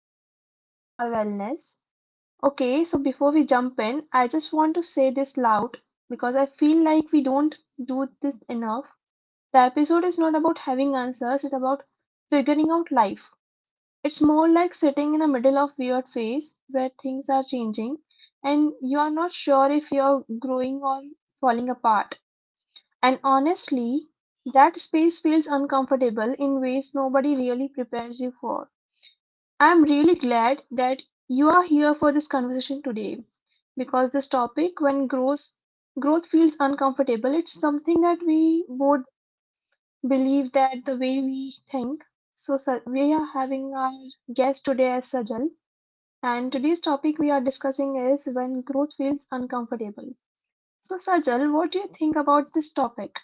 podcast of our wellness. Okay, so before we jump in, I just want to say this loud because I feel like we don't do this enough. The episode is not about having answers, it's about figuring out life. It's more like sitting in the middle of weird phase where things are changing and you are not sure if you're growing or falling apart. And honestly, that space feels uncomfortable in ways nobody really prepares you for. I'm really glad that you are here for this conversation today because this topic, when growth feels uncomfortable, it's something that we both believe that the way we think. So, we are having our guest today as Sajal, and today's topic we are discussing is when growth feels uncomfortable. So, Sajal, what do you think about this topic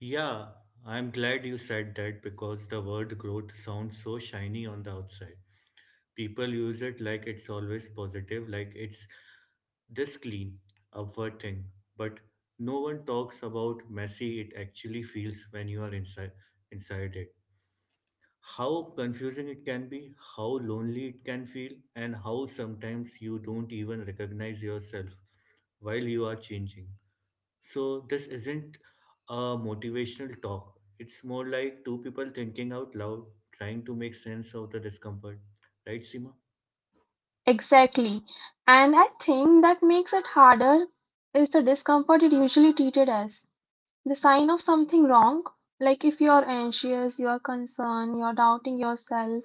Yeah, I'm glad you said that because the word growth sounds so shiny on the outside. People use it like it's always positive, like it's this clean, upward thing. But no one talks about messy it actually feels when you are inside it. How confusing it can be, how lonely it can feel, and how sometimes you don't even recognize yourself while you are changing. So this isn't a motivational talk. It's more like two people thinking out loud, trying to make sense of the discomfort. Right, Seema? exactly? And I think that makes it harder is the discomfort it usually treated as. The sign of something wrong, like if you're anxious, you're concerned, you're doubting yourself,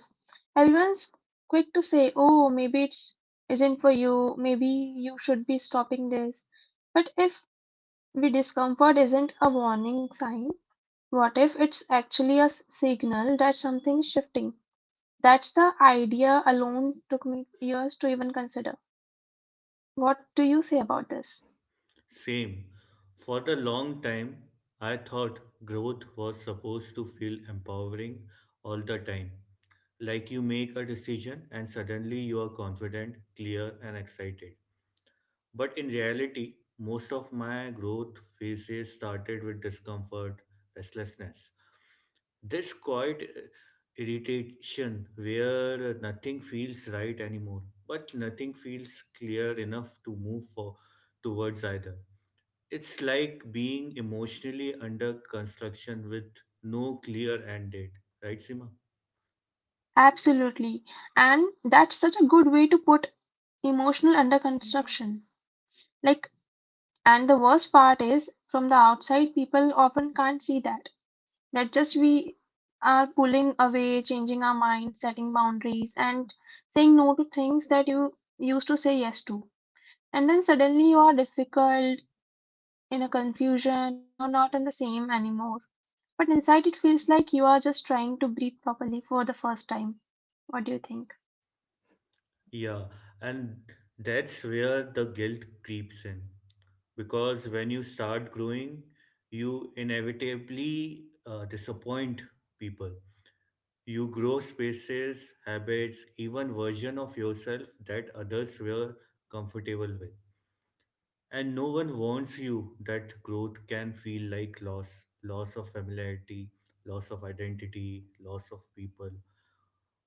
everyone's quick to say, oh, maybe it's isn't for you, maybe you should be stopping this. But if the discomfort isn't a warning sign, what if it's actually a signal that something's shifting? That's the idea alone took me years to even consider. What do you say about this? Same. For the long time, I thought growth was supposed to feel empowering all the time. Like you make a decision and suddenly you are confident, clear, and excited. But in reality, most of my growth phases started with discomfort, restlessness. This quiet irritation where nothing feels right anymore, but nothing feels clear enough to move for towards either. It's like being emotionally under construction with no clear end date, right, Sima? Absolutely. And that's such a good way to put emotional under construction. Like, and the worst part is, from the outside, people often can't see that. That just we are pulling away, changing our mind, setting boundaries, and saying no to things that you used to say yes to. And then suddenly you are difficult, in a confusion, or not on the same anymore. But inside, it feels like you are just trying to breathe properly for the first time. What do you think? Yeah, and that's where the guilt creeps in. Because when you start growing, you inevitably disappoint people. You grow spaces, habits, even version of yourself that others were comfortable with. And no one warns you that growth can feel like loss, loss of familiarity, loss of identity, loss of people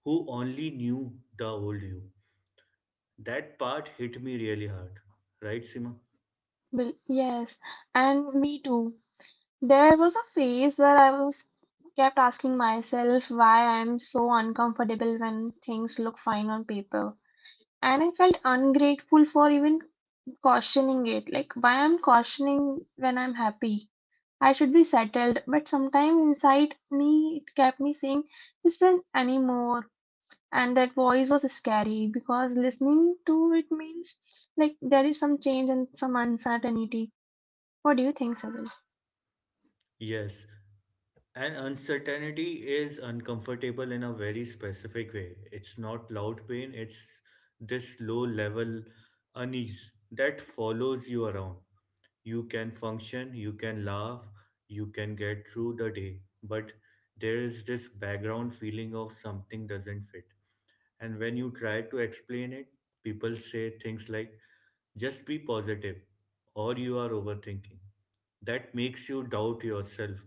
who only knew the old you. That part hit me really hard. Right, Sima? Well, yes, and me too. There was a phase where I was kept asking myself why I am so uncomfortable when things look fine on paper. And I felt ungrateful for even cautioning it. Like, why I'm cautioning when I'm happy? I should be settled. But sometimes inside me, it kept me saying, listen anymore. And that voice was scary because listening to it means like there is some change and some uncertainty. What do you think, Sajal? Yes, and uncertainty is uncomfortable in a very specific way. It's not loud pain, it's this low level unease that follows you around. You can function, you can laugh, you can get through the day, but there is this background feeling of something doesn't fit. And when you try to explain it, people say things like, just be positive, or you are overthinking. That makes you doubt yourself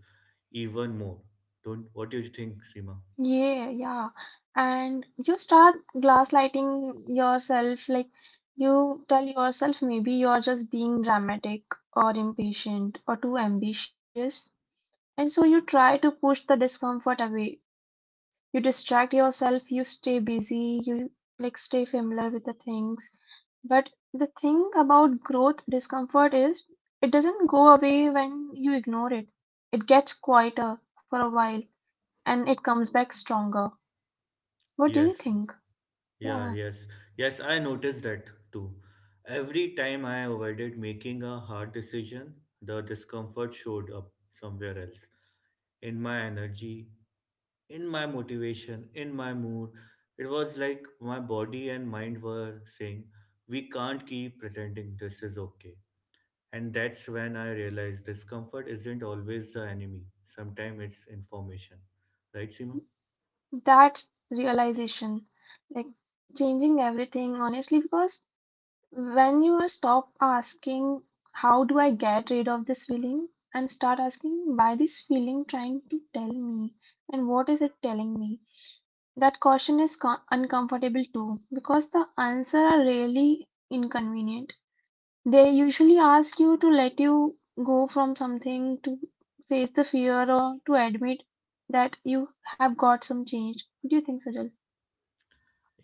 even more. Don't what do you think, Seema? Yeah, yeah. And you start gaslighting yourself, like you tell yourself maybe you're just being dramatic or impatient or too ambitious. And so you try to push the discomfort away. You distract yourself, you stay busy, you like stay familiar with the things. But the thing about growth discomfort is it doesn't go away when you ignore it. It gets quieter for a while and it comes back stronger. What do you Yes, think? yeah, Yeah, yes. I noticed that too. Every time I avoided making a hard decision, the discomfort showed up somewhere else in my energy, in my motivation, in my mood. It was like my body and mind were saying, we can't keep pretending this is okay. And that's when I realized discomfort isn't always the enemy. Sometimes it's information. Right, Seema? that realization, like changing everything, honestly, because when you are stop asking, how do I get rid of this feeling? And start asking, why this feeling trying to tell me? And what is it telling me? That caution is uncomfortable too, because the answer are really inconvenient. They usually ask you to let you go from something, to face the fear, or to admit that you have got some change. What do you think, Sajal?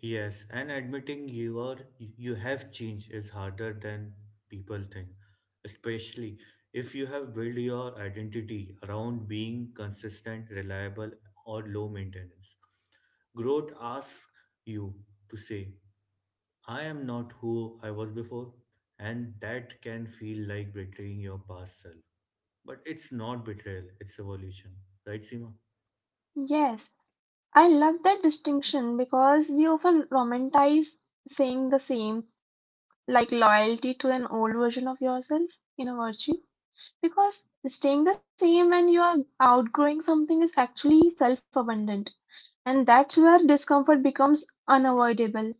Yes, and admitting you have changed is harder than people think, especially if you have built your identity around being consistent, reliable, or low maintenance. Growth asks you to say, I am not who I was before, and that can feel like betraying your past self. But it's not betrayal, it's evolution. Right, Seema? Yes, I love that distinction because we often romanticize saying the same, like loyalty to an old version of yourself in a virtue. Because staying the same when you are outgrowing something is actually self abundant, and that's where discomfort becomes unavoidable.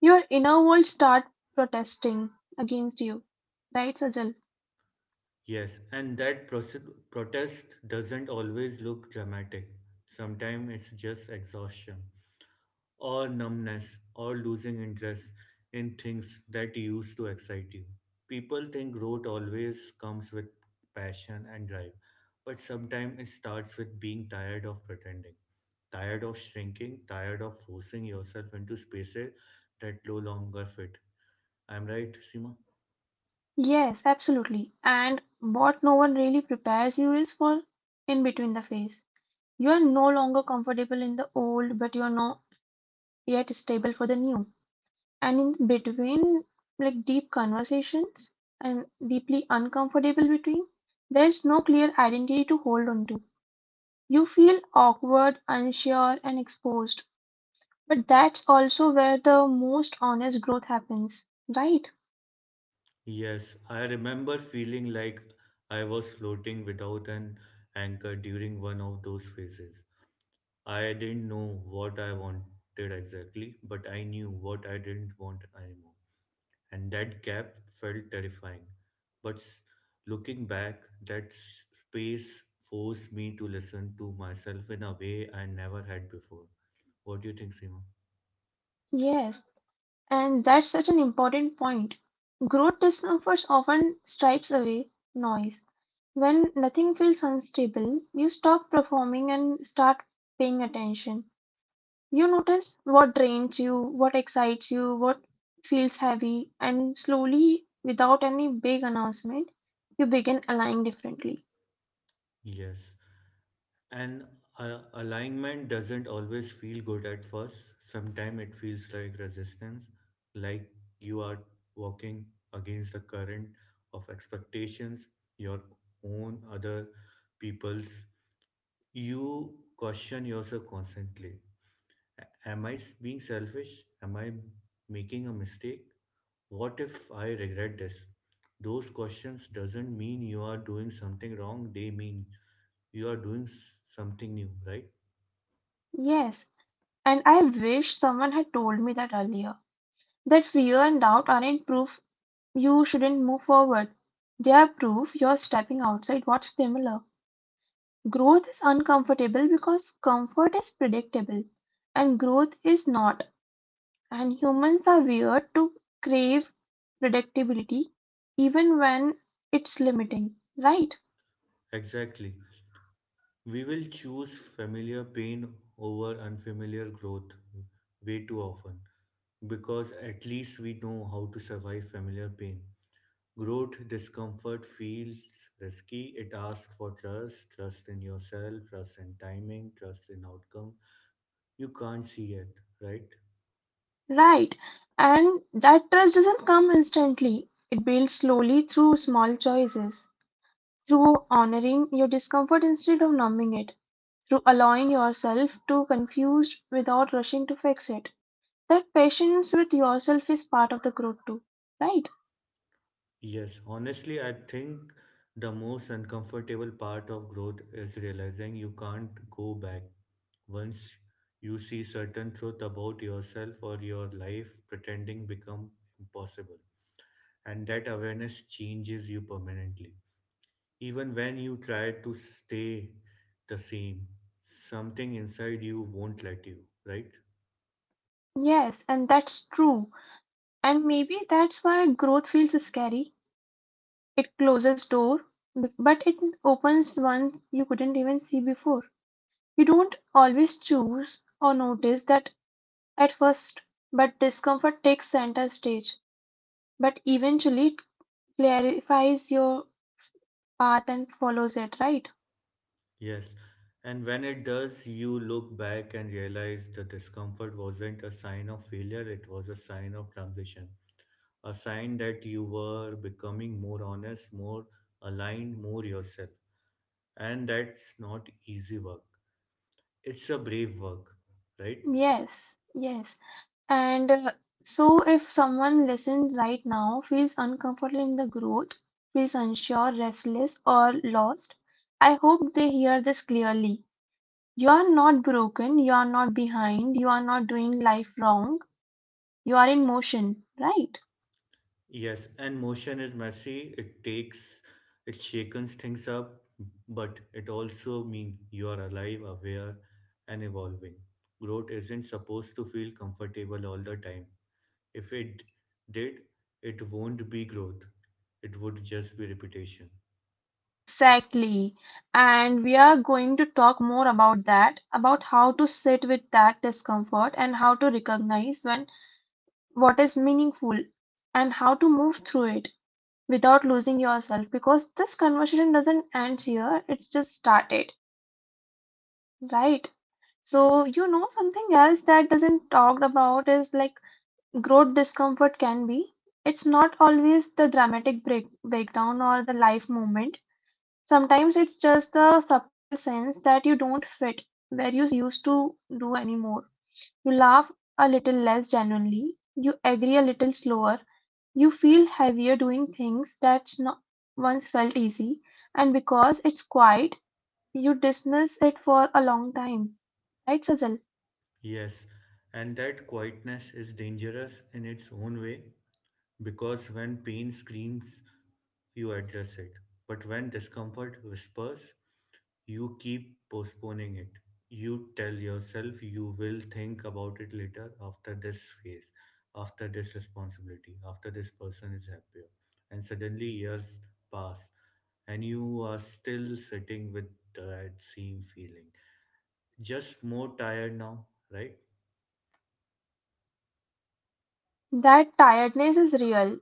Your inner world start protesting against you. Right, Sajal? Yes, and that protest doesn't always look dramatic. Sometimes it's just exhaustion, or numbness, or losing interest in things that used to excite you. People think growth always comes with passion and drive, but sometimes it starts with being tired of pretending, tired of shrinking, tired of forcing yourself into spaces that no longer fit. I'm right, Seema? Yes, absolutely. And what no one really prepares you is for in between the phase. You are no longer comfortable in the old, but you are not yet stable for the new. And in between, like deep conversations and deeply uncomfortable between, there's no clear identity to hold on to. You feel awkward, unsure, and exposed. But that's also where the most honest growth happens, right? Yes, I remember feeling like I was floating without an anchor during one of those phases. I didn't know what I wanted exactly, but I knew what I didn't want anymore. And that gap felt terrifying. But s- Looking back, that space forced me to listen to myself in a way I never had before. What do you think, Seema? Yes, and that's such an important point. Growth discomforts often stripes away noise. When nothing feels unstable, you stop performing and start paying attention. You notice what drains you, what excites you, what feels heavy, and slowly, without any big announcement, you begin aligning differently. Yes. And alignment doesn't always feel good at first. Sometimes it feels like resistance, like you are walking against the current of expectations, your own, other people's. You question yourself constantly. Am I being selfish? Am I making a mistake? What if I regret this? Those questions doesn't mean you are doing something wrong. They mean you are doing something new, right? Yes, and I wish someone had told me that earlier. That fear and doubt aren't proof you shouldn't move forward. They are proof you're stepping outside what's familiar. Growth is uncomfortable because comfort is predictable and growth is not. And humans are weird to crave predictability even when it's limiting. Right? Exactly. We will choose familiar pain over unfamiliar growth way too often because at least we know how to survive familiar pain. Growth discomfort feels risky. It asks for trust, trust in yourself, trust in timing, trust in outcome. You can't see it, right? Right. And that trust doesn't come instantly, it builds slowly through small choices, through honoring your discomfort instead of numbing it, through allowing yourself to confused without rushing to fix it. That patience with yourself is part of the growth too, right? Yes, honestly, I think the most uncomfortable part of growth is realizing you can't go back. Once you see certain truth about yourself or your life, pretending become impossible. And that awareness changes you permanently. Even when you try to stay the same, something inside you won't let you, right? Yes, and that's true. And maybe that's why growth feels scary. It closes door, but it opens one you couldn't even see before. You don't always choose or notice that at first, but discomfort takes center stage. But eventually, it clarifies your path and follows it, right? Yes. And when it does, you look back and realize the discomfort wasn't a sign of failure, it was a sign of transition. A sign that you were becoming more honest, more aligned, more yourself. And that's not easy work, it's a brave work, right? Yes, yes. And so, if someone listens right now, feels uncomfortable in the growth, feels unsure, restless, or lost, I hope they hear this clearly. You are not broken, you are not behind, you are not doing life wrong, you are in motion, right? Yes, and motion is messy. It takes, it shakens things up, but it also means you are alive, aware, and evolving. Growth isn't supposed to feel comfortable all the time. If it did, it won't be growth, it would just be repetition. Exactly. And we are going to talk more about that, about how to sit with that discomfort and how to recognize when what is meaningful and how to move through it without losing yourself, because this conversation doesn't end here, it's just started, right? So you know something else that doesn't talked about is like growth discomfort can be, it's not always the dramatic breakdown or the life moment. Sometimes it's just the subtle sense that you don't fit where you used to do anymore. You laugh a little less genuinely, you agree a little slower. You feel heavier doing things that once felt easy, and because it's quiet, you dismiss it for a long time. Right, Sajal? Yes, and that quietness is dangerous in its own way, because when pain screams, you address it. But when discomfort whispers, you keep postponing it. You tell yourself you will think about it later after this phase, after this responsibility, after this person is happier. And suddenly years pass and you are still sitting with that same feeling. Just more tired now, right? That tiredness is real.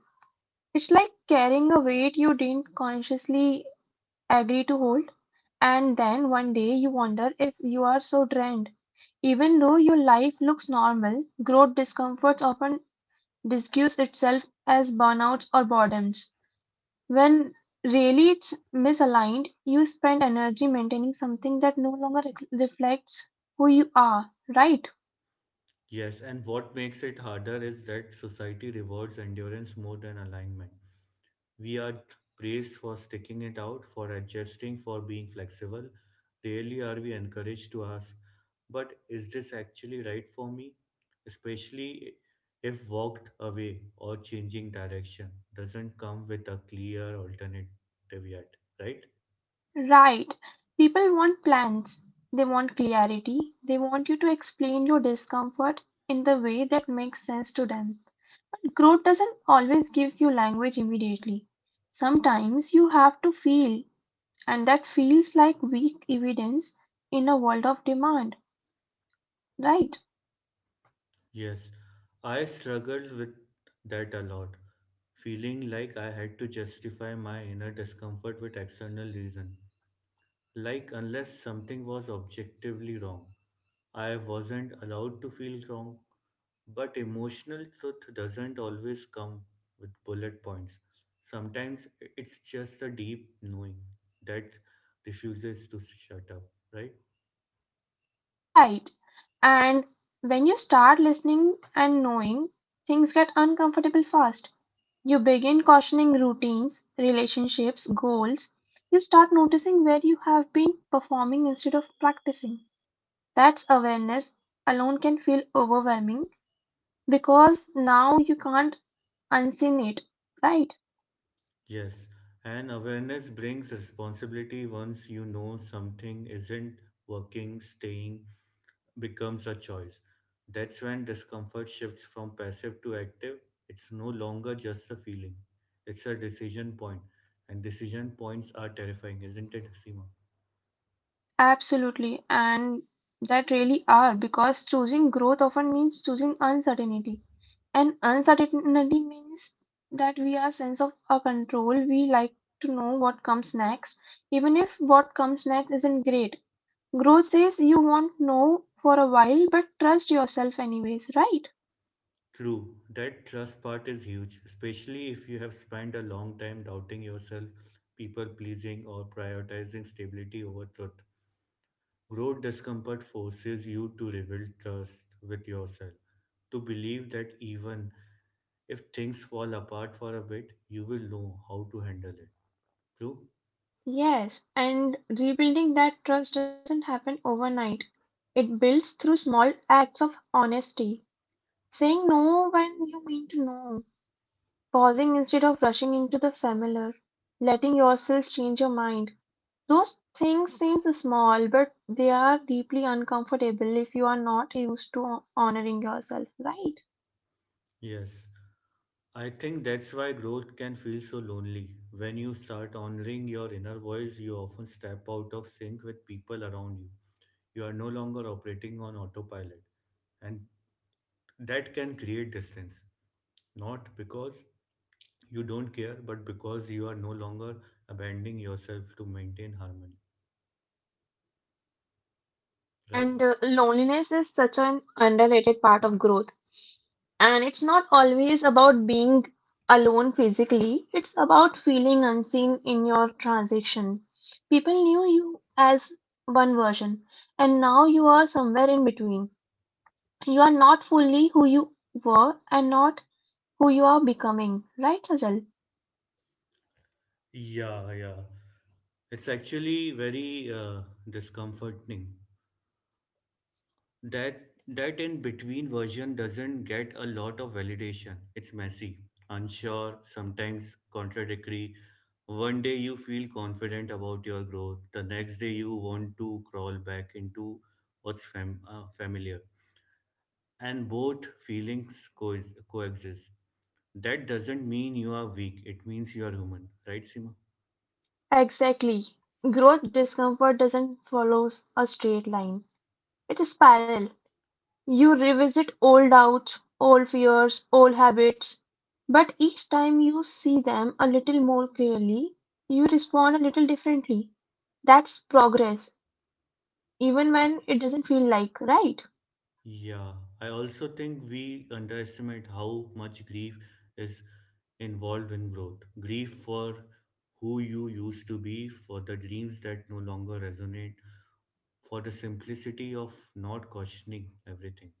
It's like carrying a weight you didn't consciously agree to hold, and then one day you wonder if you are so drained. Even though your life looks normal, growth discomforts often disguise itself as burnouts or boredoms. When really it's misaligned, you spend energy maintaining something that no longer reflects who you are, right? Yes, and what makes it harder is that society rewards endurance more than alignment. We are praised for sticking it out, for adjusting, for being flexible. Rarely are we encouraged to ask, but is this actually right for me? Especially if walked away or changing direction doesn't come with a clear alternative yet, right? Right. People want plans, they want clarity, they want you to explain your discomfort in the way that makes sense to them. Growth doesn't always gives you language immediately. Sometimes you have to feel, and that feels like weak evidence in a world of demand, right? Yes, I struggled with that a lot, feeling like I had to justify my inner discomfort with external reason. Like, unless something was objectively wrong, I wasn't allowed to feel wrong. But emotional truth doesn't always come with bullet points. Sometimes it's just a deep knowing that refuses to shut up, right? Right. And when you start listening and knowing, things get uncomfortable fast. You begin questioning routines, relationships, goals. You start noticing where you have been performing instead of practicing. That's awareness alone can feel overwhelming because now you can't unseen it, right? Yes, and awareness brings responsibility. Once you know something isn't working, staying becomes a choice. That's when discomfort shifts from passive to active. It's no longer just a feeling, it's a decision point. And decision points are terrifying, isn't it, Seema? Absolutely, and that really are because choosing growth often means choosing uncertainty. And uncertainty means that we are sense of our control. We like to know what comes next, even if what comes next isn't great. Growth says you won't know for a while, but trust yourself anyways, right? True, that trust part is huge, especially if you have spent a long time doubting yourself, people pleasing, or prioritizing stability over truth. Growth discomfort forces you to rebuild trust with yourself, to believe that even if things fall apart for a bit, you will know how to handle it. True? Yes, and rebuilding that trust doesn't happen overnight. It builds through small acts of honesty, saying no when you mean to no, pausing instead of rushing into the familiar, letting yourself change your mind. Those things seem small, but they are deeply uncomfortable if you are not used to honoring yourself, right? Yes. I think that's why growth can feel so lonely. When you start honoring your inner voice, you often step out of sync with people around you. You are no longer operating on autopilot, and that can create distance. Not because you don't care, but because you are no longer abandoning yourself to maintain harmony, right? And Loneliness is such an underrated part of growth. And it's not always about being alone physically, it's about feeling unseen in your transition. People knew you as one version, and now you are somewhere in between. You are not fully who you were and not who you are becoming. Right, Sajal? Yeah, yeah. It's actually very discomforting. That in between version doesn't get a lot of validation. It's messy, unsure, sometimes contradictory. One day you feel confident about your growth, the next day you want to crawl back into what's familiar. And both feelings coexist. That doesn't mean you are weak, it means you are human, right, Sima? Exactly. Growth discomfort doesn't follow a straight line. It is parallel. You revisit old doubts, old fears, old habits, but each time you see them a little more clearly, you respond a little differently. That's progress, even when it doesn't feel like, right? Yeah, I also think we underestimate how much grief is involved in growth. Grief for who you used to be, for the dreams that no longer resonate, for the simplicity of not questioning everything.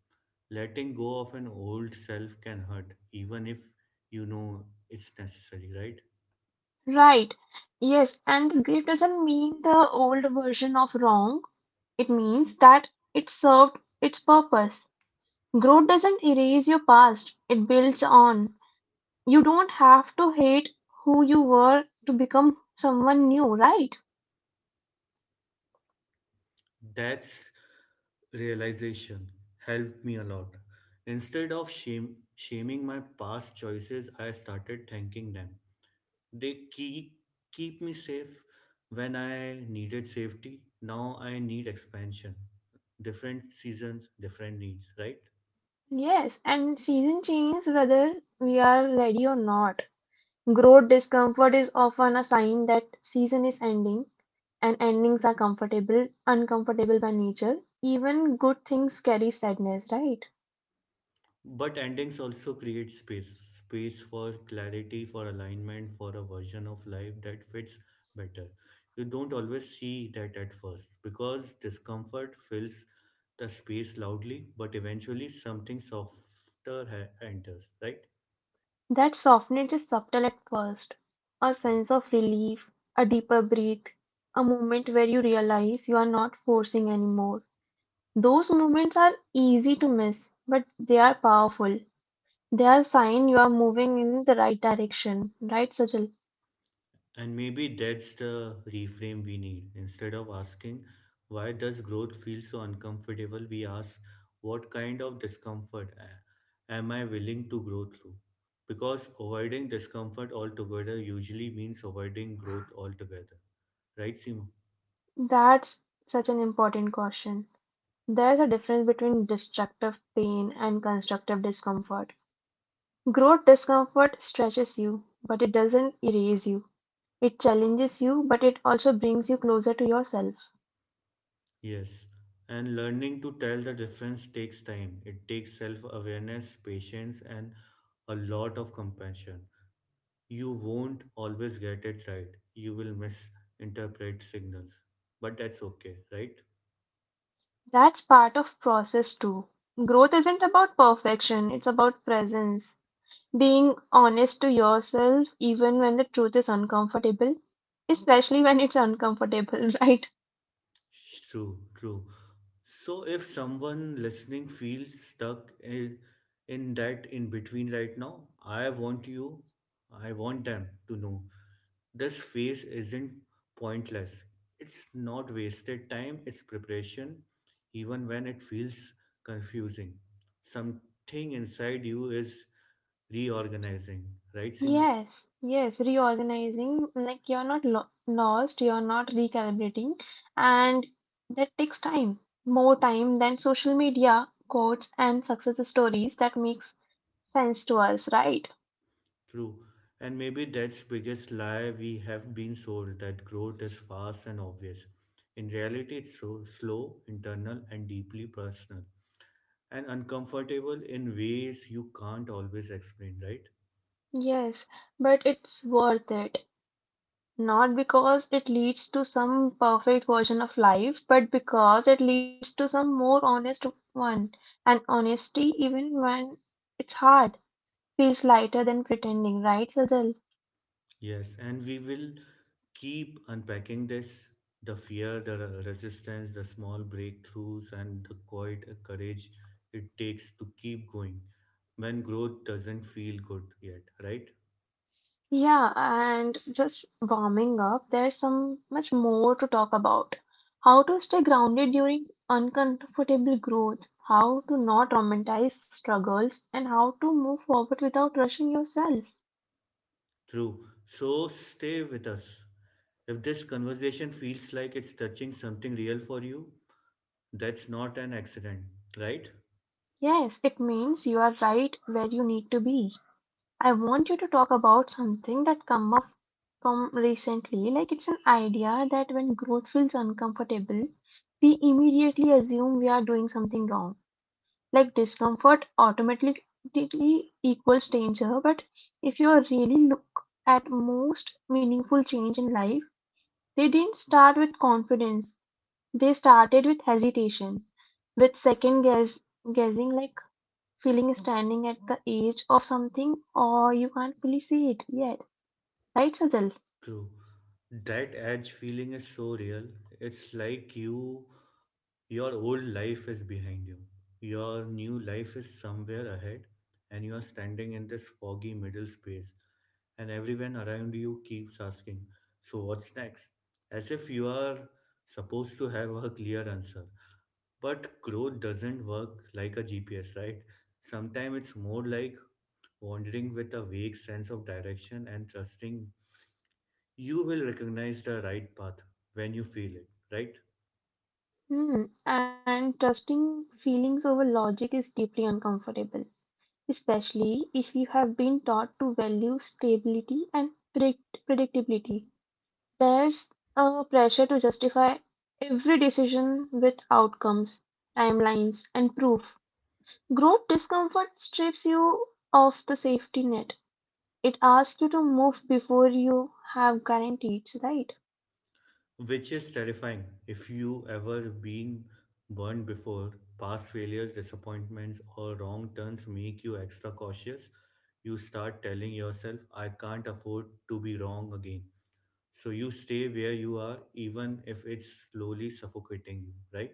Letting go of an old self can hurt, even if you know it's necessary, right? Right. Yes, and the grief doesn't mean the old version of wrong. It means that it served its purpose. Growth doesn't erase your past, it builds on. You don't have to hate who you were to become someone new, right? That's realization helped me a lot. Instead of shame, shaming my past choices, I started thanking them. They keep, keep me safe when I needed safety. Now I need expansion. Different seasons, different needs, right? Yes, and season change whether we are ready or not. Growth discomfort is often a sign that season is ending. And endings are comfortable, uncomfortable by nature. Even good things carry sadness, right? But endings also create space for clarity, for alignment, for a version of life that fits better. You don't always see that at first because discomfort fills the space loudly, but eventually something softer enters, right? That softness is subtle at first. A sense of relief, a deeper breath, a moment where you realize you are not forcing anymore. Those moments are easy to miss, but they are powerful. They are sign you are moving in the right direction, right, Sajal? And maybe that's the reframe we need. Instead of asking, why does growth feel so uncomfortable, we ask, what kind of discomfort am I willing to grow through? Because avoiding discomfort altogether usually means avoiding growth altogether. Right, Simo? That's such an important caution. There's a difference between destructive pain and constructive discomfort. Growth discomfort stretches you, but it doesn't erase you. It challenges you, but it also brings you closer to yourself. Yes. And learning to tell the difference takes time. It takes self awareness, patience, and a lot of compassion. You won't always get it right. You will misinterpret signals. But that's okay, right? That's part of process too. Growth isn't about perfection, it's about presence. Being honest to yourself even when the truth is uncomfortable, especially when it's uncomfortable, right? True, true. So if someone listening feels stuck in that in between right now, I want them to know this phase isn't pointless. It's not wasted time, it's preparation, even when it feels confusing. Something inside you is reorganizing, right, Sim? Yes, yes, reorganizing, like you're not lo lost, you're not recalibrating, and that takes time, more time than social media quotes and success stories that makes sense to us, right? True. And maybe that's biggest lie we have been sold that growth is fast and obvious. In reality, it's so slow, internal, and deeply personal, and uncomfortable in ways you can't always explain, right? Yes, but it's worth it. Not because it leads to some perfect version of life, but because it leads to some more honest one. And honesty, even when it's hard, feels lighter than pretending, right, Sajal? Yes, and we will keep unpacking this, the fear, the resistance, the small breakthroughs, and the quiet courage it takes to keep going when growth doesn't feel good yet, right? Yeah, and just warming up, there's some much more to talk about. How to stay grounded during uncomfortable growth, how to not romanticize struggles, and how to move forward without rushing yourself. True. So stay with us. If this conversation feels like it's touching something real for you, that's not an accident, right? Yes, it means you are right where you need to be. I want you to talk about something that come up from recently. Like it's an idea that when growth feels uncomfortable, we immediately assume we are doing something wrong, like discomfort automatically equals danger. But if you really look at most meaningful change in life, they didn't start with confidence, they started with hesitation, with second guessing, like feeling standing at the edge of something or you can't fully see it yet, right, Sajal? True. That edge feeling is so real. It's like your old life is behind you. Your new life is somewhere ahead, and you are standing in this foggy middle space. And everyone around you keeps asking, so what's next? As if you are supposed to have a clear answer. But growth doesn't work like a GPS, right? Sometimes it's more like wandering with a vague sense of direction and trusting you will recognize the right path when you feel it, right? Hmm. And trusting feelings over logic is deeply uncomfortable. Especially if you have been taught to value stability and predictability, there's a pressure to justify every decision with outcomes, timelines, and proof. Growth discomfort strips you of the safety net. It asks you to move before you have guarantees, right? Which is terrifying if you ever been burned before. Past failures, disappointments, or wrong turns make you extra cautious. You start telling yourself, I can't afford to be wrong again. So you stay where you are, even if it's slowly suffocating you, right?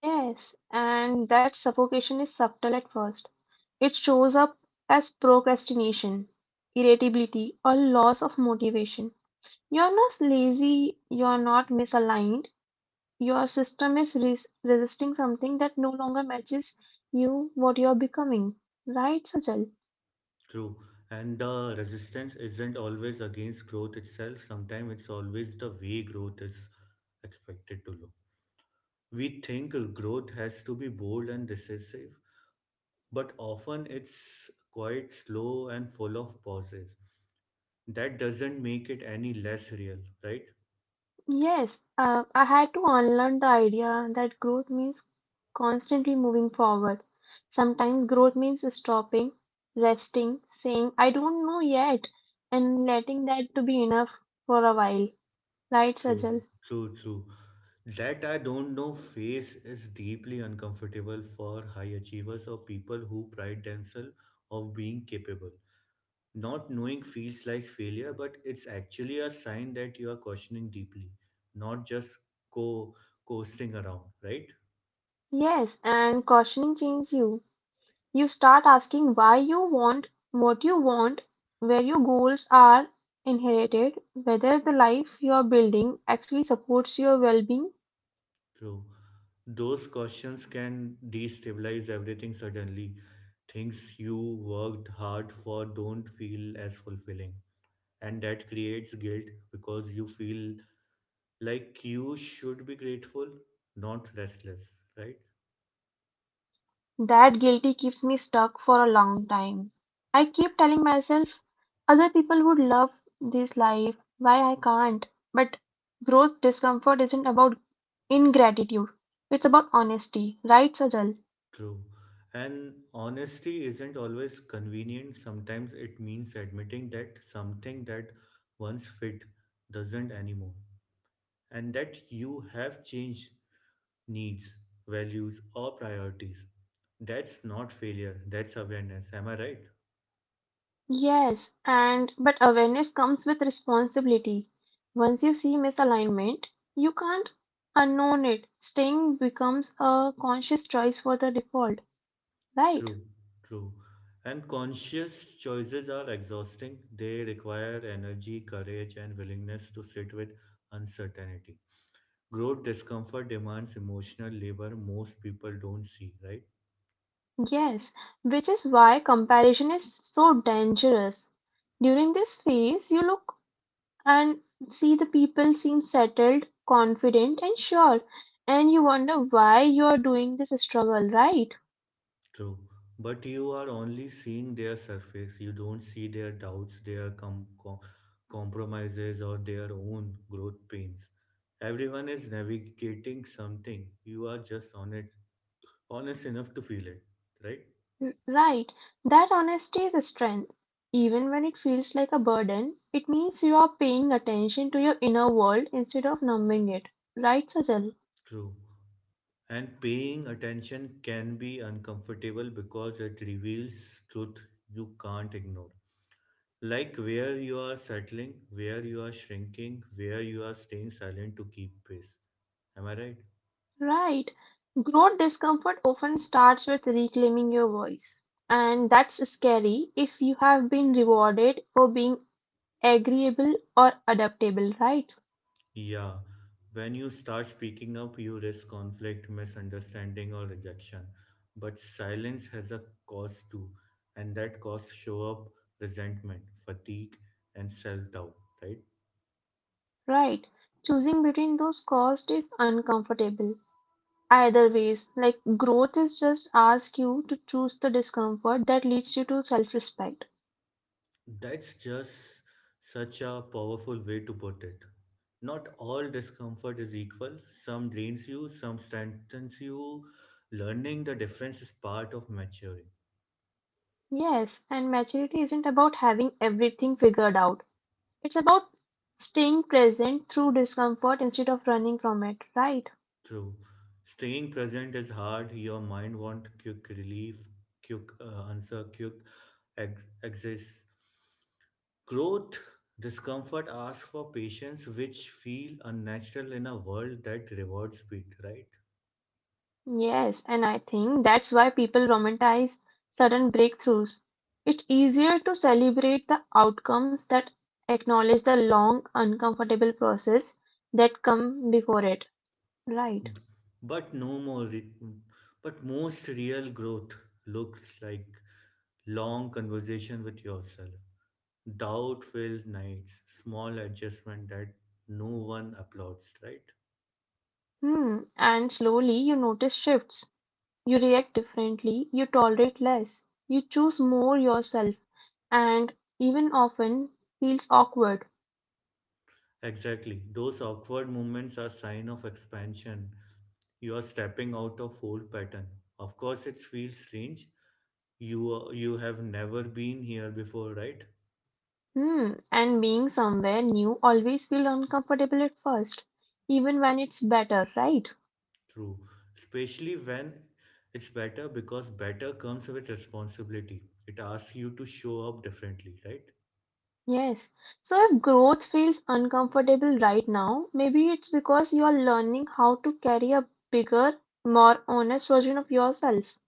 Yes, and that suffocation is subtle at first. It shows up as procrastination, irritability, or loss of motivation. You're not lazy, you're not misaligned. Your system is resisting something that no longer matches you, what you're becoming. Right, Sajal? True, and the resistance isn't always against growth itself. Sometimes it's always the way growth is expected to look. We think growth has to be bold and decisive, but often it's quite slow and full of pauses. That doesn't make it any less real, right? Yes, I had to unlearn the idea that growth means constantly moving forward. Sometimes growth means stopping, resting, saying, I don't know yet, and letting that to be enough for a while. Right, True, Sajal? true, true. That I don't know phase is deeply uncomfortable for high achievers or people who pride themselves of being capable. Not knowing feels like failure, but it's actually a sign that you are questioning deeply, not just co coasting around, right? Yes, and cautioning change you. You start asking why you want what you want, where your goals are inherited, whether the life you're building actually supports your well being. True. Those questions can destabilize everything suddenly. Things you worked hard for don't feel as fulfilling. And that creates guilt because you feel like you should be grateful, not restless, right? That guilty keeps me stuck for a long time. I keep telling myself other people would love this life, why I can't. But growth discomfort isn't about ingratitude, it's about honesty, right, Sajal? True. And honesty isn't always convenient. Sometimes it means admitting that something that once fit doesn't anymore, and that you have changed needs, values, or priorities. That's not failure, that's awareness. Am I right? Yes, and but awareness comes with responsibility. Once you see misalignment, you can't unknown it. Staying becomes a conscious choice for the default, right? True, true. And conscious choices are exhausting. They require energy, courage, and willingness to sit with uncertainty. Growth discomfort demands emotional labor most people don't see, right? Yes, which is why comparison is so dangerous. During this phase, you look and see the people seem settled, confident, and sure, and you wonder why you are doing this struggle, right? True. But you are only seeing their surface. You don't see their doubts, their compromises, or their own growth pains. Everyone is navigating something. You are just on it, honest enough to feel it, right? Right. That honesty is a strength. Even when it feels like a burden, it means you are paying attention to your inner world instead of numbing it. Right, Sajal? True. And paying attention can be uncomfortable because it reveals truth you can't ignore. Like where you are settling, where you are shrinking, where you are staying silent to keep pace. Am I right? Right. Growth discomfort often starts with reclaiming your voice. And that's scary if you have been rewarded for being agreeable or adaptable, right? Yeah. When you start speaking up, you risk conflict, misunderstanding, or rejection. But silence has a cost too, and that cost show up resentment, fatigue, and self doubt, right? Right. Choosing between those costs is uncomfortable. Either ways, like growth is just ask you to choose the discomfort that leads you to self respect. That's just such a powerful way to put it. Not all discomfort is equal. Some drains you, some strengthens you. Learning the difference is part of maturing. Yes, and maturity isn't about having everything figured out, it's about staying present through discomfort instead of running from it, right? True. Staying present is hard. Your mind wants quick relief, quick answer, quick exits. Growth, discomfort asks for patience, which feel unnatural in a world that rewards speed, right? Yes, and I think that's why people romanticize sudden breakthroughs. It's easier to celebrate the outcomes that acknowledge the long, uncomfortable process that come before it, right? But no more, re- But most real growth looks like long conversation with yourself, doubt-filled nights, small adjustment that no one applauds, right? Hmm. And slowly you notice shifts. You react differently, you tolerate less, you choose more yourself, and even often feels awkward. Exactly. Those awkward moments are sign of expansion. You are stepping out of old pattern. Of course, it feels strange. You have never been here before, right? Hmm. And being somewhere new always feels uncomfortable at first, even when it's better, right? True, especially when it's better because better comes with responsibility. It asks you to show up differently, right? Yes. So if growth feels uncomfortable right now, maybe it's because you are learning how to carry a bigger, more honest version of yourself.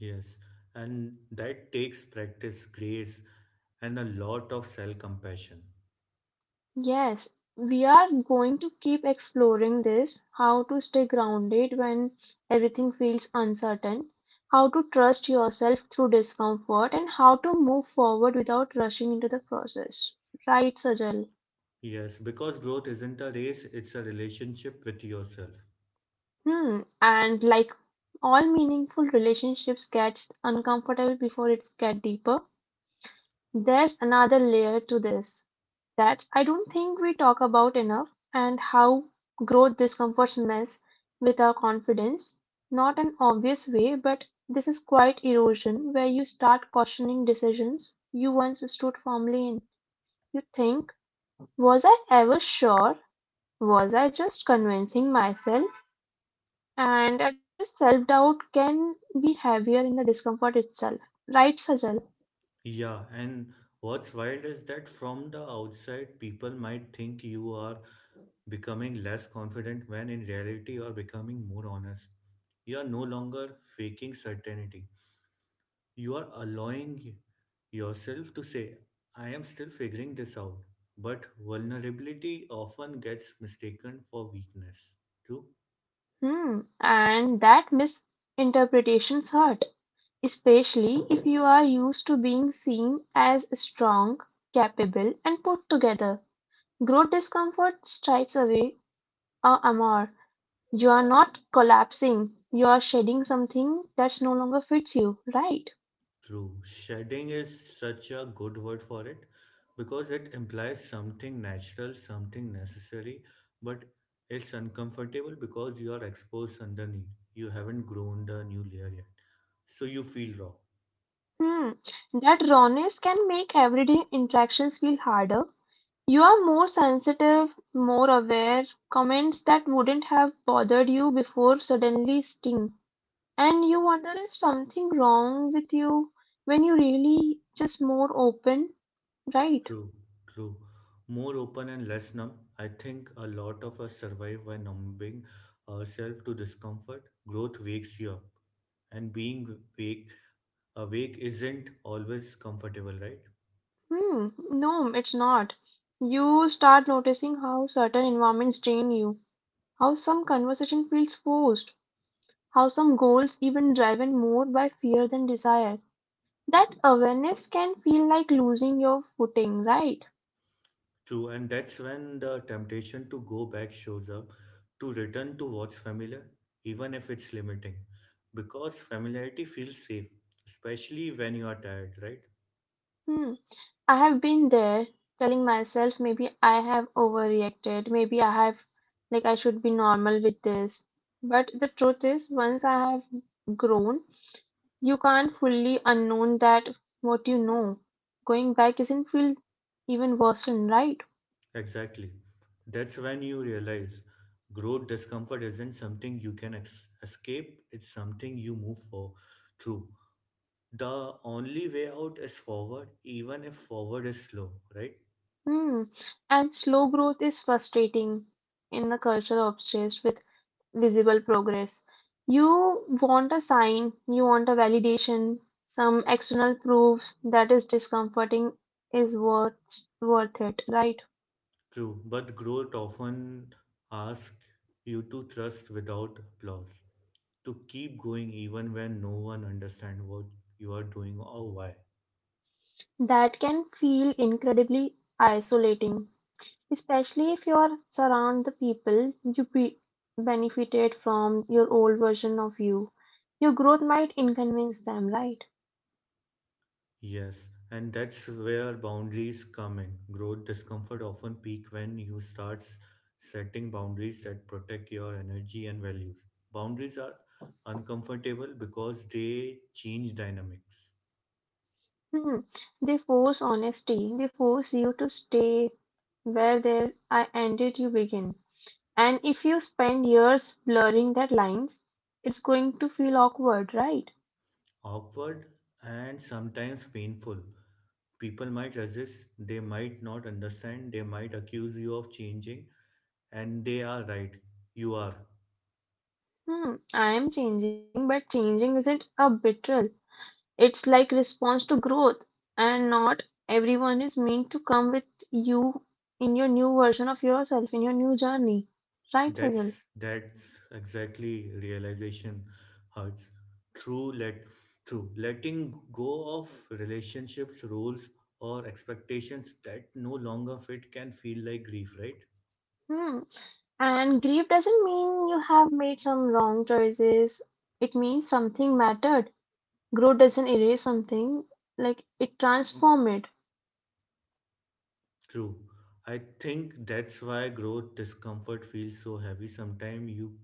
Yes, and that takes practice, grace, and a lot of self compassion. Yes, we are going to keep exploring this, how to stay grounded when everything feels uncertain, how to trust yourself through discomfort, and how to move forward without rushing into the process. Right, Sajal? Yes, because growth isn't a race, it's a relationship with yourself. Hmm. And like all meaningful relationships gets uncomfortable before it gets deeper, there's another layer to this that I don't think we talk about enough, and how growth discomforts mess without confidence. Not an obvious way, but this is quite erosion where you start questioning decisions you once stood firmly in. You think, was I ever sure? Was I just convincing myself? And I just self doubt can be heavier in the discomfort itself. Right, Sajal? Yeah, and what's wild is that from the outside, people might think you are becoming less confident when in reality you are becoming more honest. You are no longer faking certainty. You are allowing yourself to say, I am still figuring this out. But vulnerability often gets mistaken for weakness. True? Hmm. And that misinterpretations hurt, especially if you are used to being seen as strong, capable, and put together. Growth discomfort stripes away our armor. You are not collapsing, you are shedding something that no longer fits you, right? True. Shedding is such a good word for it because it implies something natural, something necessary, but it's uncomfortable because you are exposed underneath. You haven't grown the new layer yet. So you feel raw. Hmm. That rawness can make everyday interactions feel harder. You are more sensitive, more aware. Comments that wouldn't have bothered you before suddenly sting. And you wonder if something wrong with you when you really just more open, right? True, true. More open and less numb. I think a lot of us survive by numbing ourselves to discomfort. Growth wakes you up. And being awake, awake isn't always comfortable, right? Hmm, no, it's not. You start noticing how certain environments drain you, how some conversation feels forced, how some goals even driven more by fear than desire. That awareness can feel like losing your footing, right? True, and that's when the temptation to go back shows up, to return to what's familiar, even if it's limiting. Because familiarity feels safe, especially when you are tired, right? Hmm. I have been there, telling myself maybe I have overreacted, maybe I have, like, I should be normal with this. But the truth is, once I have grown, you can't fully unknown that what you know. Going back isn't feel even worse, than right? Exactly. That's when you realize growth discomfort isn't something you can escape, it's something you move for through. The only way out is forward, even if forward is slow, right? Hmm. And slow growth is frustrating in a culture obsessed with visible progress. You want a sign, you want a validation, some external proof that is discomforting is worth it, right? True, but growth often asks you to trust without applause, to keep going even when no one understands what you are doing or why. That can feel incredibly isolating, especially if you are surround the people you be benefited from your old version of you, your growth might inconvenience them, right? Yes, and that's where boundaries come in. Growth discomfort often peak when you start setting boundaries that protect your energy and values. Boundaries are uncomfortable because they change dynamics. Hmm. They force honesty, they force you to stay where there I ended you begin. And if you spend years blurring that lines, it's going to feel awkward, right? Awkward and sometimes painful. People might resist, they might not understand, they might accuse you of changing, and they are right. You are. Hmm. I am changing, but changing isn't a betrayal. It's like response to growth, and not everyone is meant to come with you in your new version of yourself, in your new journey. Right, Sajal? That's exactly realization hurts. True let true. Letting go of relationships, rules or expectations that no longer fit can feel like grief, right? Hmm. And grief doesn't mean you have made some wrong choices. It means something mattered. Growth doesn't erase something, like it transforms it. True. I think that's why growth discomfort feels so heavy. Sometimes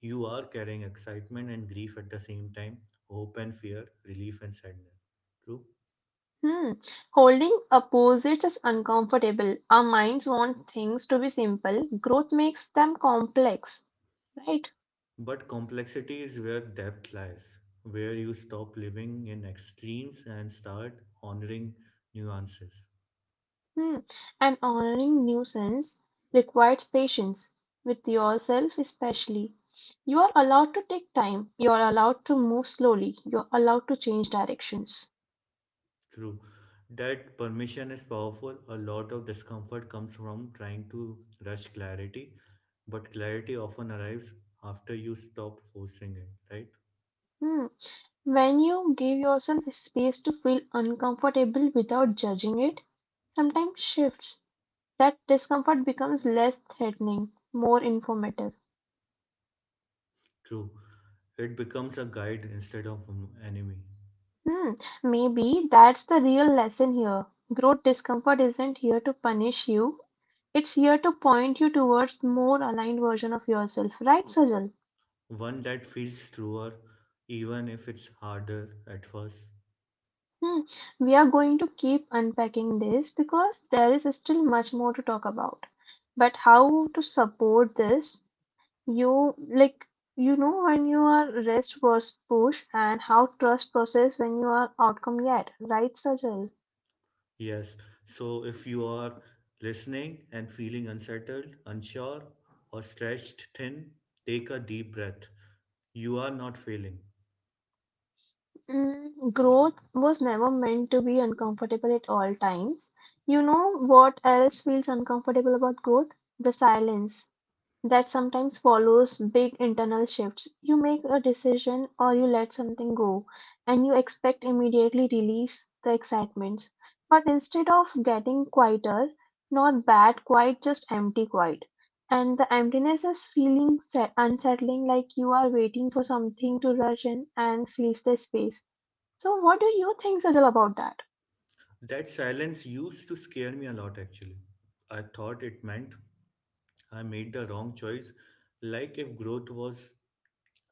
you are carrying excitement and grief at the same time, hope and fear, relief and sadness. True. Hmm. Holding opposites is uncomfortable. Our minds want things to be simple. Growth makes them complex, right? But complexity is where depth lies, where you stop living in extremes and start honoring nuances. Hmm. And honoring nuisance requires patience with yourself, especially. You are allowed to take time. You are allowed to move slowly. You are allowed to change directions. True. That permission is powerful. A lot of discomfort comes from trying to rush clarity, but clarity often arrives after you stop forcing it, right? Hmm. When you give yourself space to feel uncomfortable without judging it, sometimes shifts. That discomfort becomes less threatening, more informative. True. It becomes a guide instead of an enemy. Hmm, maybe that's the real lesson here. Growth discomfort isn't here to punish you. It's here to point you towards more aligned version of yourself, right, Sajal? One that feels truer, even if it's harder at first. Hmm. We are going to keep unpacking this because there is still much more to talk about. But how to support this? You like you know when you are rest versus push and how trust process when you are outcome yet, right, Sajal? Yes. So if you are listening and feeling unsettled, unsure, or stretched thin, take a deep breath. You are not failing. Mm, growth was never meant to be uncomfortable at all times. You know what else feels uncomfortable about growth? The silence. That sometimes follows big internal shifts. You make a decision or you let something go, and you expect immediately relieves the excitement. But instead of getting quieter, not bad quiet, just empty quiet. And the emptiness is feeling set, unsettling, like you are waiting for something to rush in and fill the space. So, what do you think, Sajal, about that? That silence used to scare me a lot actually. I thought it meant I made the wrong choice. Like if growth was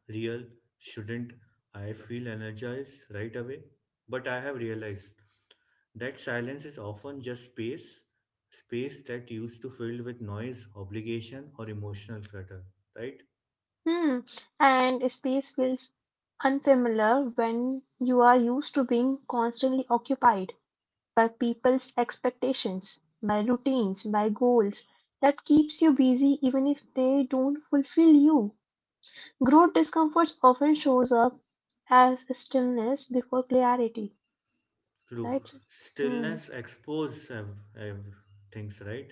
real, shouldn't I feel energized right away? But I have realized that silence is often just space, space that used to fill with noise, obligation, or emotional clutter, right? Hmm. And space feels unfamiliar when you are used to being constantly occupied by people's expectations, by routines, by goals. That keeps you busy even if they don't fulfill you. Growth discomfort often shows up as stillness before clarity, True. right? Hmm. Stillness exposes things, right?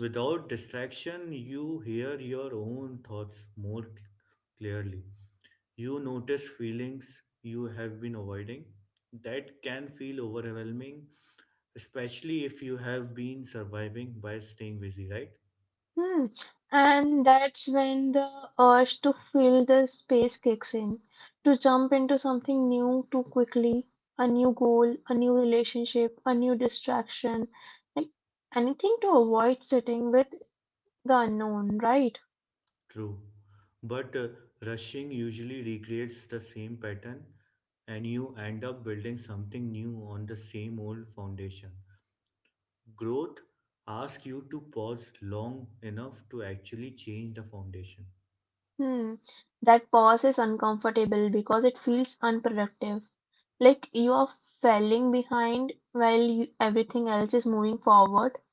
Without distraction, you hear your own thoughts more clearly. You notice feelings you have been avoiding that can feel overwhelming, especially if you have been surviving by staying busy, right? Hmm. And that's when the urge to fill the space kicks in, to jump into something new too quickly, a new goal, a new relationship, a new distraction, like anything to avoid sitting with the unknown, right? True. But rushing usually recreates the same pattern, and you end up building something new on the same old foundation. Growth asks you to pause long enough to actually change the foundation. Hmm. That pause is uncomfortable because it feels unproductive. Like you are falling behind while you, everything else is moving forward.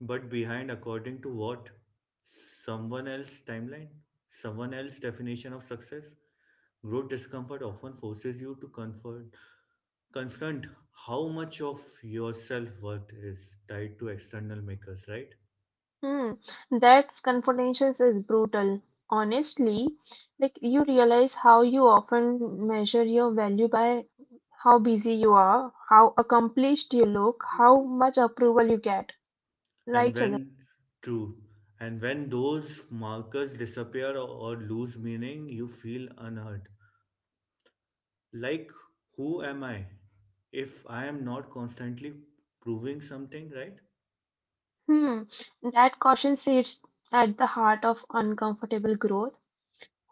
But behind, according to what? Someone else's timeline? Someone else's definition of success? Growth discomfort often forces you to confront how much of your self worth is tied to external makers, right? Hmm, that confrontation is brutal. Honestly, like you realize how you often measure your value by how busy you are, how accomplished you look, how much approval you get. And Right, Sajal? when True, and when those markers disappear or lose meaning, you feel unheard. Like, who am I if I am not constantly proving something, right? Hmm, that caution sits at the heart of uncomfortable growth.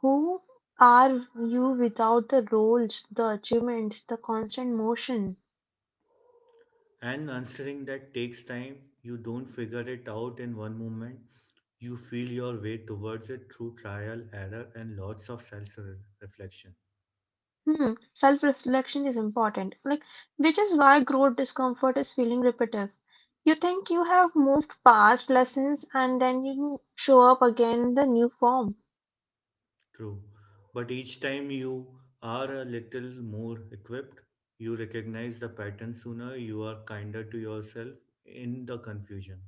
Who are you without the roles, the achievements, the constant motion? And answering that takes time. You don't figure it out in one moment. You feel your way towards it through trial, error, and lots of self reflection. Hmm. Self reflection is important, like which is why growth discomfort is feeling repetitive. You think you have moved past lessons and then you show up again in the new form. True. But each time you are a little more equipped, you recognize the pattern sooner, you are kinder to yourself in the confusion.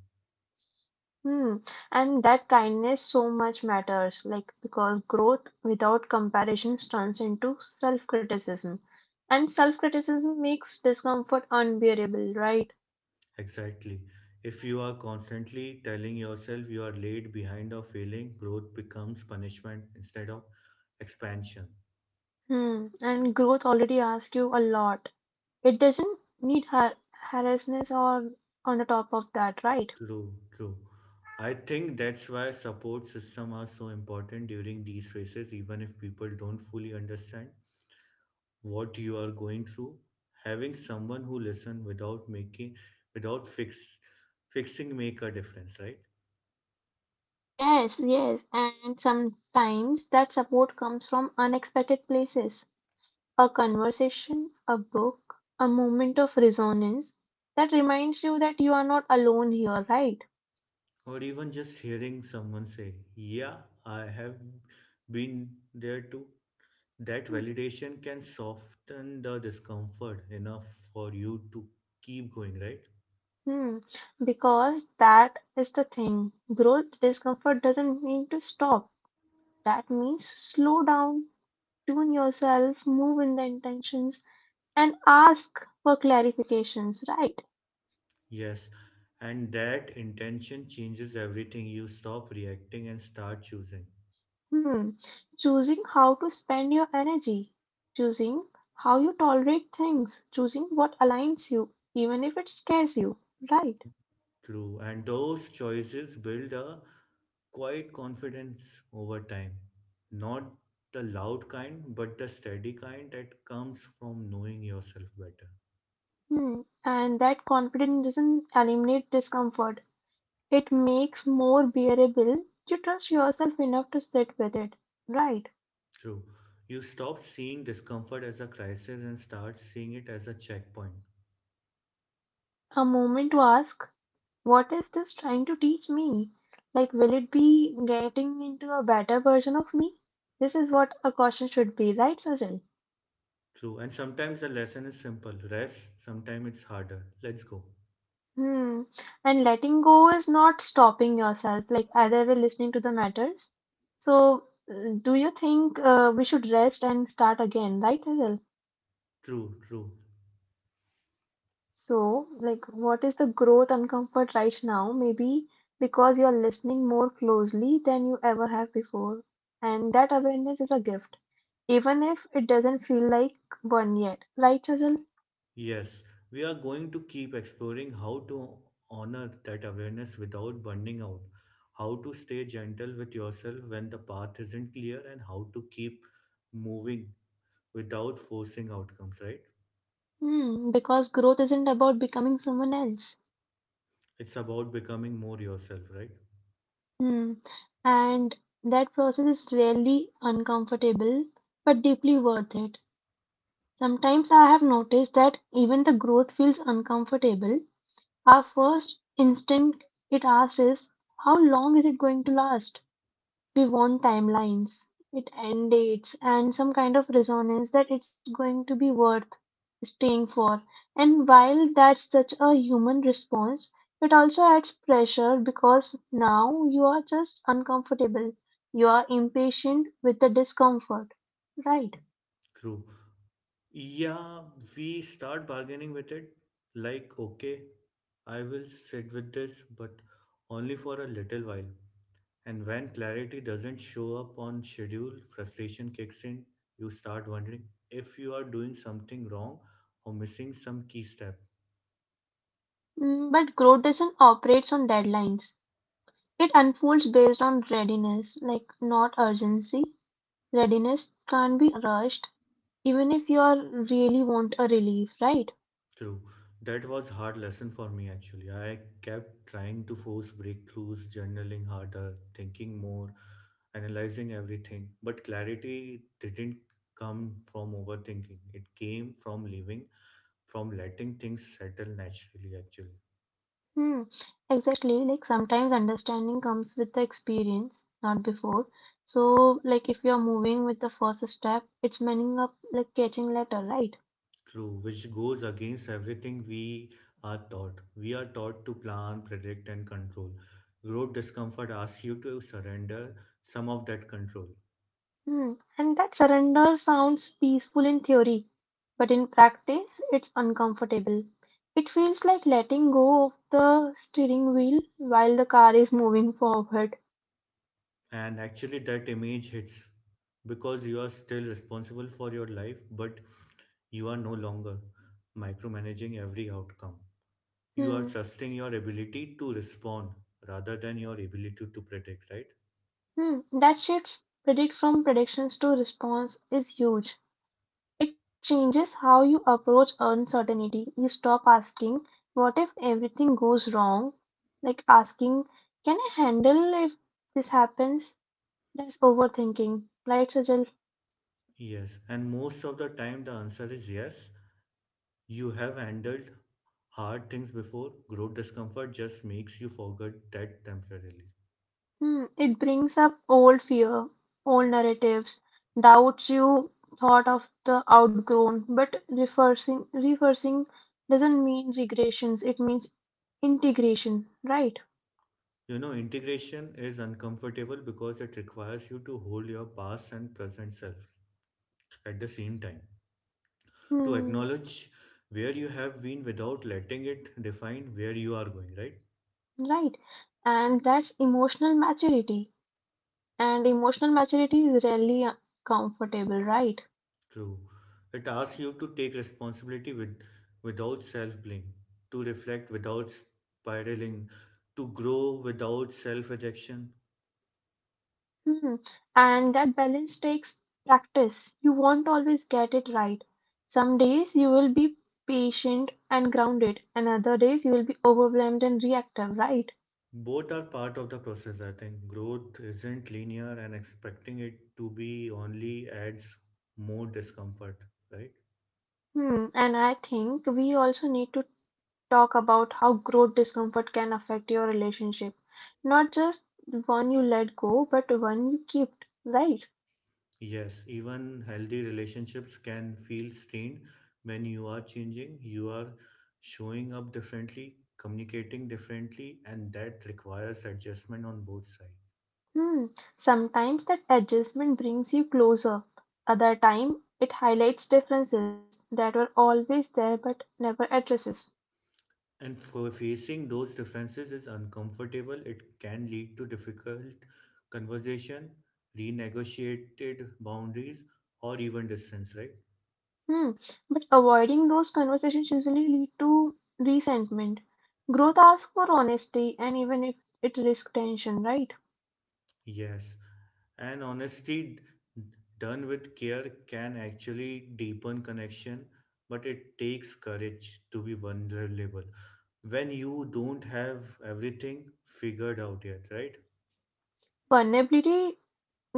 Hmm. And that kindness so much matters, like because growth without comparison turns into self criticism. And self criticism makes discomfort unbearable, right? Exactly. If you are constantly telling yourself you are late, behind, or failing, growth becomes punishment instead of expansion. Hmm. And growth already asks you a lot. It doesn't need harshness or on the top of that, right? True, true. I think that's why support system are so important during these phases, even if people don't fully understand what you are going through, having someone who listen without making, without fixing make a difference, right? Yes, yes, and sometimes that support comes from unexpected places. A conversation, a book, a moment of resonance that reminds you that you are not alone here, right? Or even just hearing someone say, yeah, I have been there too, that validation can soften the discomfort enough for you to keep going, right? Hmm, because that is the thing. Growth discomfort doesn't mean to stop. That means slow down, tune yourself, move in the intentions and ask for clarifications, right? Yes, and that intention changes everything. You stop reacting and start choosing. Hmm. Choosing how to spend your energy, choosing how you tolerate things, choosing what aligns you, even if it scares you, right? True. And those choices build a quiet confidence over time. Not the loud kind, but the steady kind that comes from knowing yourself better. Hmm. And that confidence doesn't eliminate discomfort. It makes more bearable. You trust yourself enough to sit with it, right? True. You stop seeing discomfort as a crisis and start seeing it as a checkpoint. A moment to ask, what is this trying to teach me? Like, will it be getting into a better version of me? This is what a caution should be, right, Sajal? True. And sometimes the lesson is simple rest, sometimes it's harder. Let's go. Hmm. And letting go is not stopping yourself, like either way, listening to the matters. So, do you think we should rest and start again, right, Sajal? True, true. So, like, what is the growth and comfort right now? Maybe because you're listening more closely than you ever have before. And that awareness is a gift, even if it doesn't feel like one yet. Right, Sajal? Yes, we are going to keep exploring how to honor that awareness without burning out, how to stay gentle with yourself when the path isn't clear, and how to keep moving without forcing outcomes, right? Hmm, because growth isn't about becoming someone else. It's about becoming more yourself, right? Hmm. And that process is rarely uncomfortable, but deeply worth it. Sometimes I have noticed that even the growth feels uncomfortable. Our first instinct it asks is, how long is it going to last? We want timelines, it end dates, and some kind of resonance that it's going to be worth staying for. And while that's such a human response, it also adds pressure because now you are just uncomfortable. You are impatient with the discomfort. Right. True. Yeah, we start bargaining with it like, okay, I will sit with this, but only for a little while. And when clarity doesn't show up on schedule, frustration kicks in. You start wondering if you are doing something wrong or missing some key step. Mm, but growth doesn't operate on deadlines. It unfolds based on readiness, like not urgency. Readiness can't be rushed, even if you are really want a relief, right? Through That was hard lesson for me actually. I kept trying to force breakthroughs, journaling harder, thinking more, analyzing everything. But clarity didn't come from overthinking. It came from living, from letting things settle naturally actually. Hmm, exactly. Like sometimes understanding comes with the experience, not before. So, like if you're moving with the first step, it's meaning up like catching letter, right? True, which goes against everything we are taught. We are taught to plan, predict, and control. Road discomfort asks you to surrender some of that control. Hmm. And that surrender sounds peaceful in theory, but in practice, it's uncomfortable. It feels like letting go of the steering wheel while the car is moving forward. And actually, that image hits because you are still responsible for your life, but you are no longer micromanaging every outcome. You are Hmm. trusting your ability to respond rather than your ability to predict, right? Hmm, that shifts predict from predictions to response is huge. It changes how you approach uncertainty. You stop asking, what if everything goes wrong? Like asking, can I handle if this happens? That's overthinking. Right, Sajal? Yes, and most of the time the answer is yes. You have handled hard things before, growth discomfort just makes you forget that temporarily. Hmm, it brings up old fear, old narratives, doubts you thought of the outgrown. But reversing doesn't mean regressions, it means integration, right? You know, integration is uncomfortable because it requires you to hold your past and present self at the same time, to Hmm, acknowledge where you have been without letting it define where you are going, right? right. And that's emotional maturity. And emotional maturity is rarely comfortable, right? True. It asks you to take responsibility without self blame, to reflect without spiraling, to grow without self rejection. Hmm. And that balance takes practice. You won't always get it right. Some days you will be patient and grounded, and other days you will be overwhelmed and reactive, right? Both are part of the process, I think. Growth isn't linear, and expecting it to be only adds more discomfort, right? Hmm. And I think we also need to talk about how growth discomfort can affect your relationship. Not just one you let go, but one you keep, right? Yes, even healthy relationships can feel strained when you are changing, you are showing up differently, communicating differently, and that requires adjustment on both sides. Hmm. Sometimes that adjustment brings you closer. Other time, it highlights differences that were always there but never addresses. And facing those differences is uncomfortable. It can lead to difficult conversation, renegotiated boundaries, or even distance, right? Hmm. But avoiding those conversations usually lead to resentment. Growth asks for honesty, and even if it risks tension, right? Yes. And honesty done with care can actually deepen connection, but it takes courage to be vulnerable when you don't have everything figured out yet, right? Vulnerability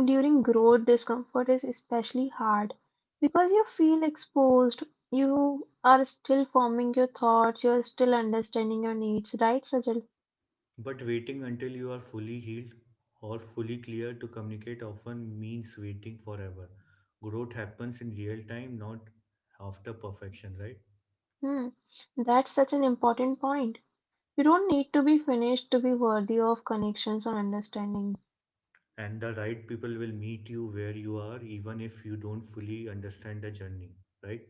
during growth discomfort is especially hard because you feel exposed. You are still forming your thoughts. You are still understanding your needs, right, Sajal? But waiting until you are fully healed or fully clear to communicate often means waiting forever. Growth happens in real time, not after perfection, right? Hmm. That's such an important point. You don't need to be finished to be worthy of connections or understanding. And the right people will meet you where you are, even if you don't fully understand the journey, right?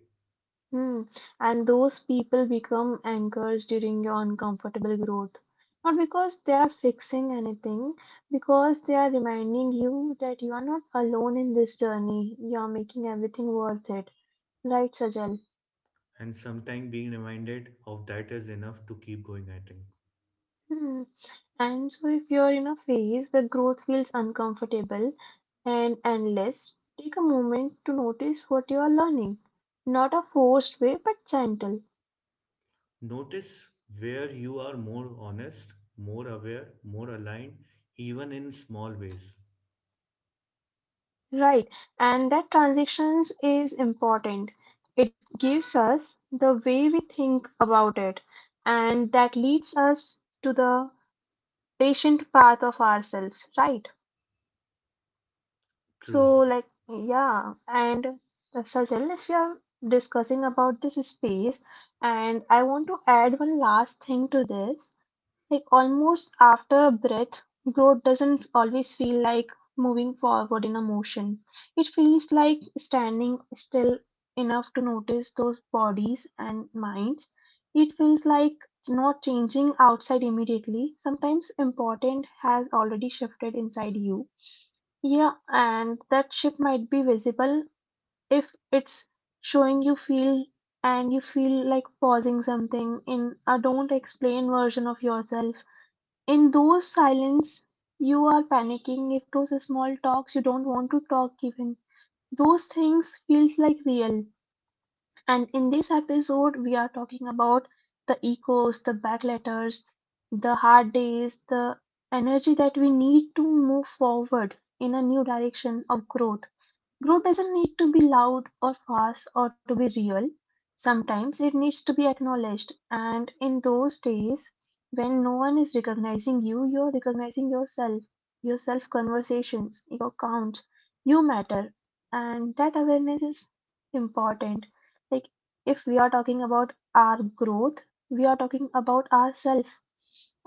Hmm. And those people become anchors during your uncomfortable growth. Not because they are fixing anything, because they are reminding you that you are not alone in this journey. You are making everything worth it. Right, Sajal? And sometimes being reminded of that is enough to keep going, I think. Hmm. And so, if you're in a phase where growth feels uncomfortable and endless, take a moment to notice what you are learning. Not a forced way, but gentle. Notice where you are more honest, more aware, more aligned, even in small ways. Right. And that transitions is important. It gives us the way we think about it. And that leads us to the patient path of ourselves. Right. True. So, like, yeah, and Sajal, if you're discussing about this space, and I want to add one last thing to this, like, almost after a breath, growth doesn't always feel like moving forward in a motion. It feels like standing still enough to notice those bodies and minds. It feels like not changing outside immediately. Sometimes important has already shifted inside you, yeah, and that shift might be visible if it's showing you feel and you feel like pausing something in a don't explain version of yourself. In those silence, you are panicking if those small talks you don't want to talk even. Those things feels like real. And in this episode, we are talking about the echoes, the back letters, the hard days, the energy that we need to move forward in a new direction of growth. Growth doesn't need to be loud or fast or to be real. Sometimes it needs to be acknowledged. And in those days when no one is recognizing you, you're recognizing yourself, your self conversations, your count. You matter. And that awareness is important. Like if we are talking about our growth, we are talking about ourselves.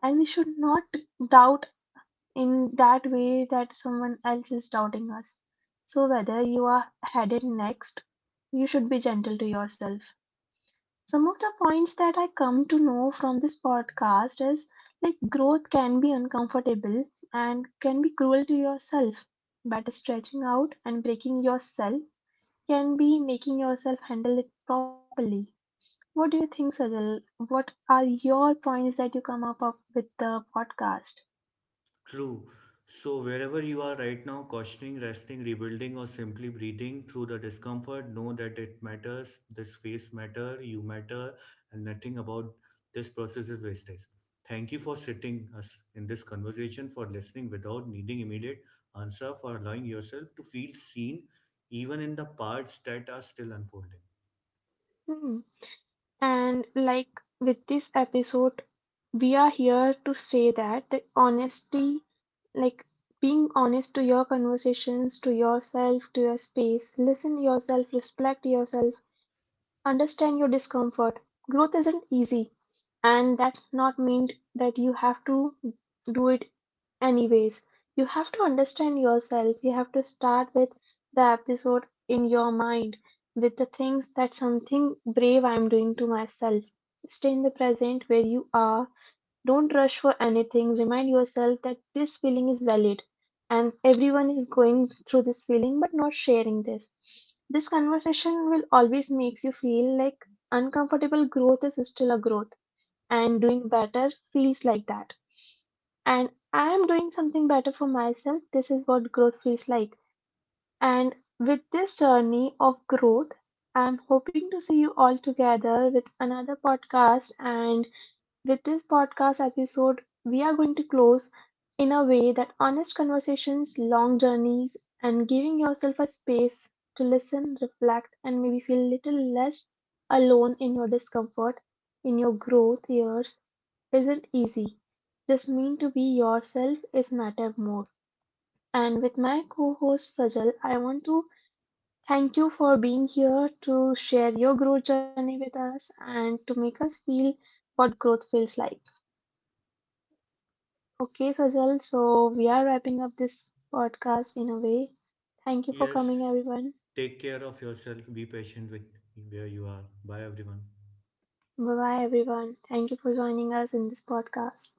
And we should not doubt in that way that someone else is doubting us. So, whether you are headed next, you should be gentle to yourself. Some of the points that I come to know from this podcast is like growth can be uncomfortable and can be cruel to yourself, but stretching out and breaking yourself can be making yourself handle it properly. What do you think, Sajal? What are your points that you come up with the podcast? True. So, wherever you are right now, cautioning, resting, rebuilding, or simply breathing through the discomfort, know that it matters, this phase matter, you matter, and nothing about this process is wasted. Thank you for sitting us in this conversation, for listening without needing immediate answer, for allowing yourself to feel seen, even in the parts that are still unfolding. Hmm. And like with this episode, we are here to say that the honesty, like being honest to your conversations, to yourself, to your space, listen yourself, respect yourself, understand your discomfort. Growth isn't easy, and that's not mean that you have to do it anyways. You have to understand yourself. You have to start with the episode in your mind with the things that something brave I'm doing to myself. Stay in the present where you are. Don't rush for anything. Remind yourself that this feeling is valid and everyone is going through this feeling but not sharing this. This conversation will always makes you feel like uncomfortable growth is still a growth and doing better feels like that. And I am doing something better for myself. This is what growth feels like. And with this journey of growth, I'm hoping to see you all together with another podcast, and with this podcast episode, we are going to close in a way that honest conversations, long journeys, and giving yourself a space to listen, reflect, and maybe feel a little less alone in your discomfort, in your growth years, isn't easy. Just mean to be yourself is matter more. And with my co-host Sajal, I want to thank you for being here to share your growth journey with us and to make us feel what growth feels like. Okay, Sajal, so we are wrapping up this podcast in a way. Thank you for Yes, coming, everyone. take care of yourself, be patient with where you are. Bye, everyone. Bye bye, everyone. Thank you for joining us in this podcast.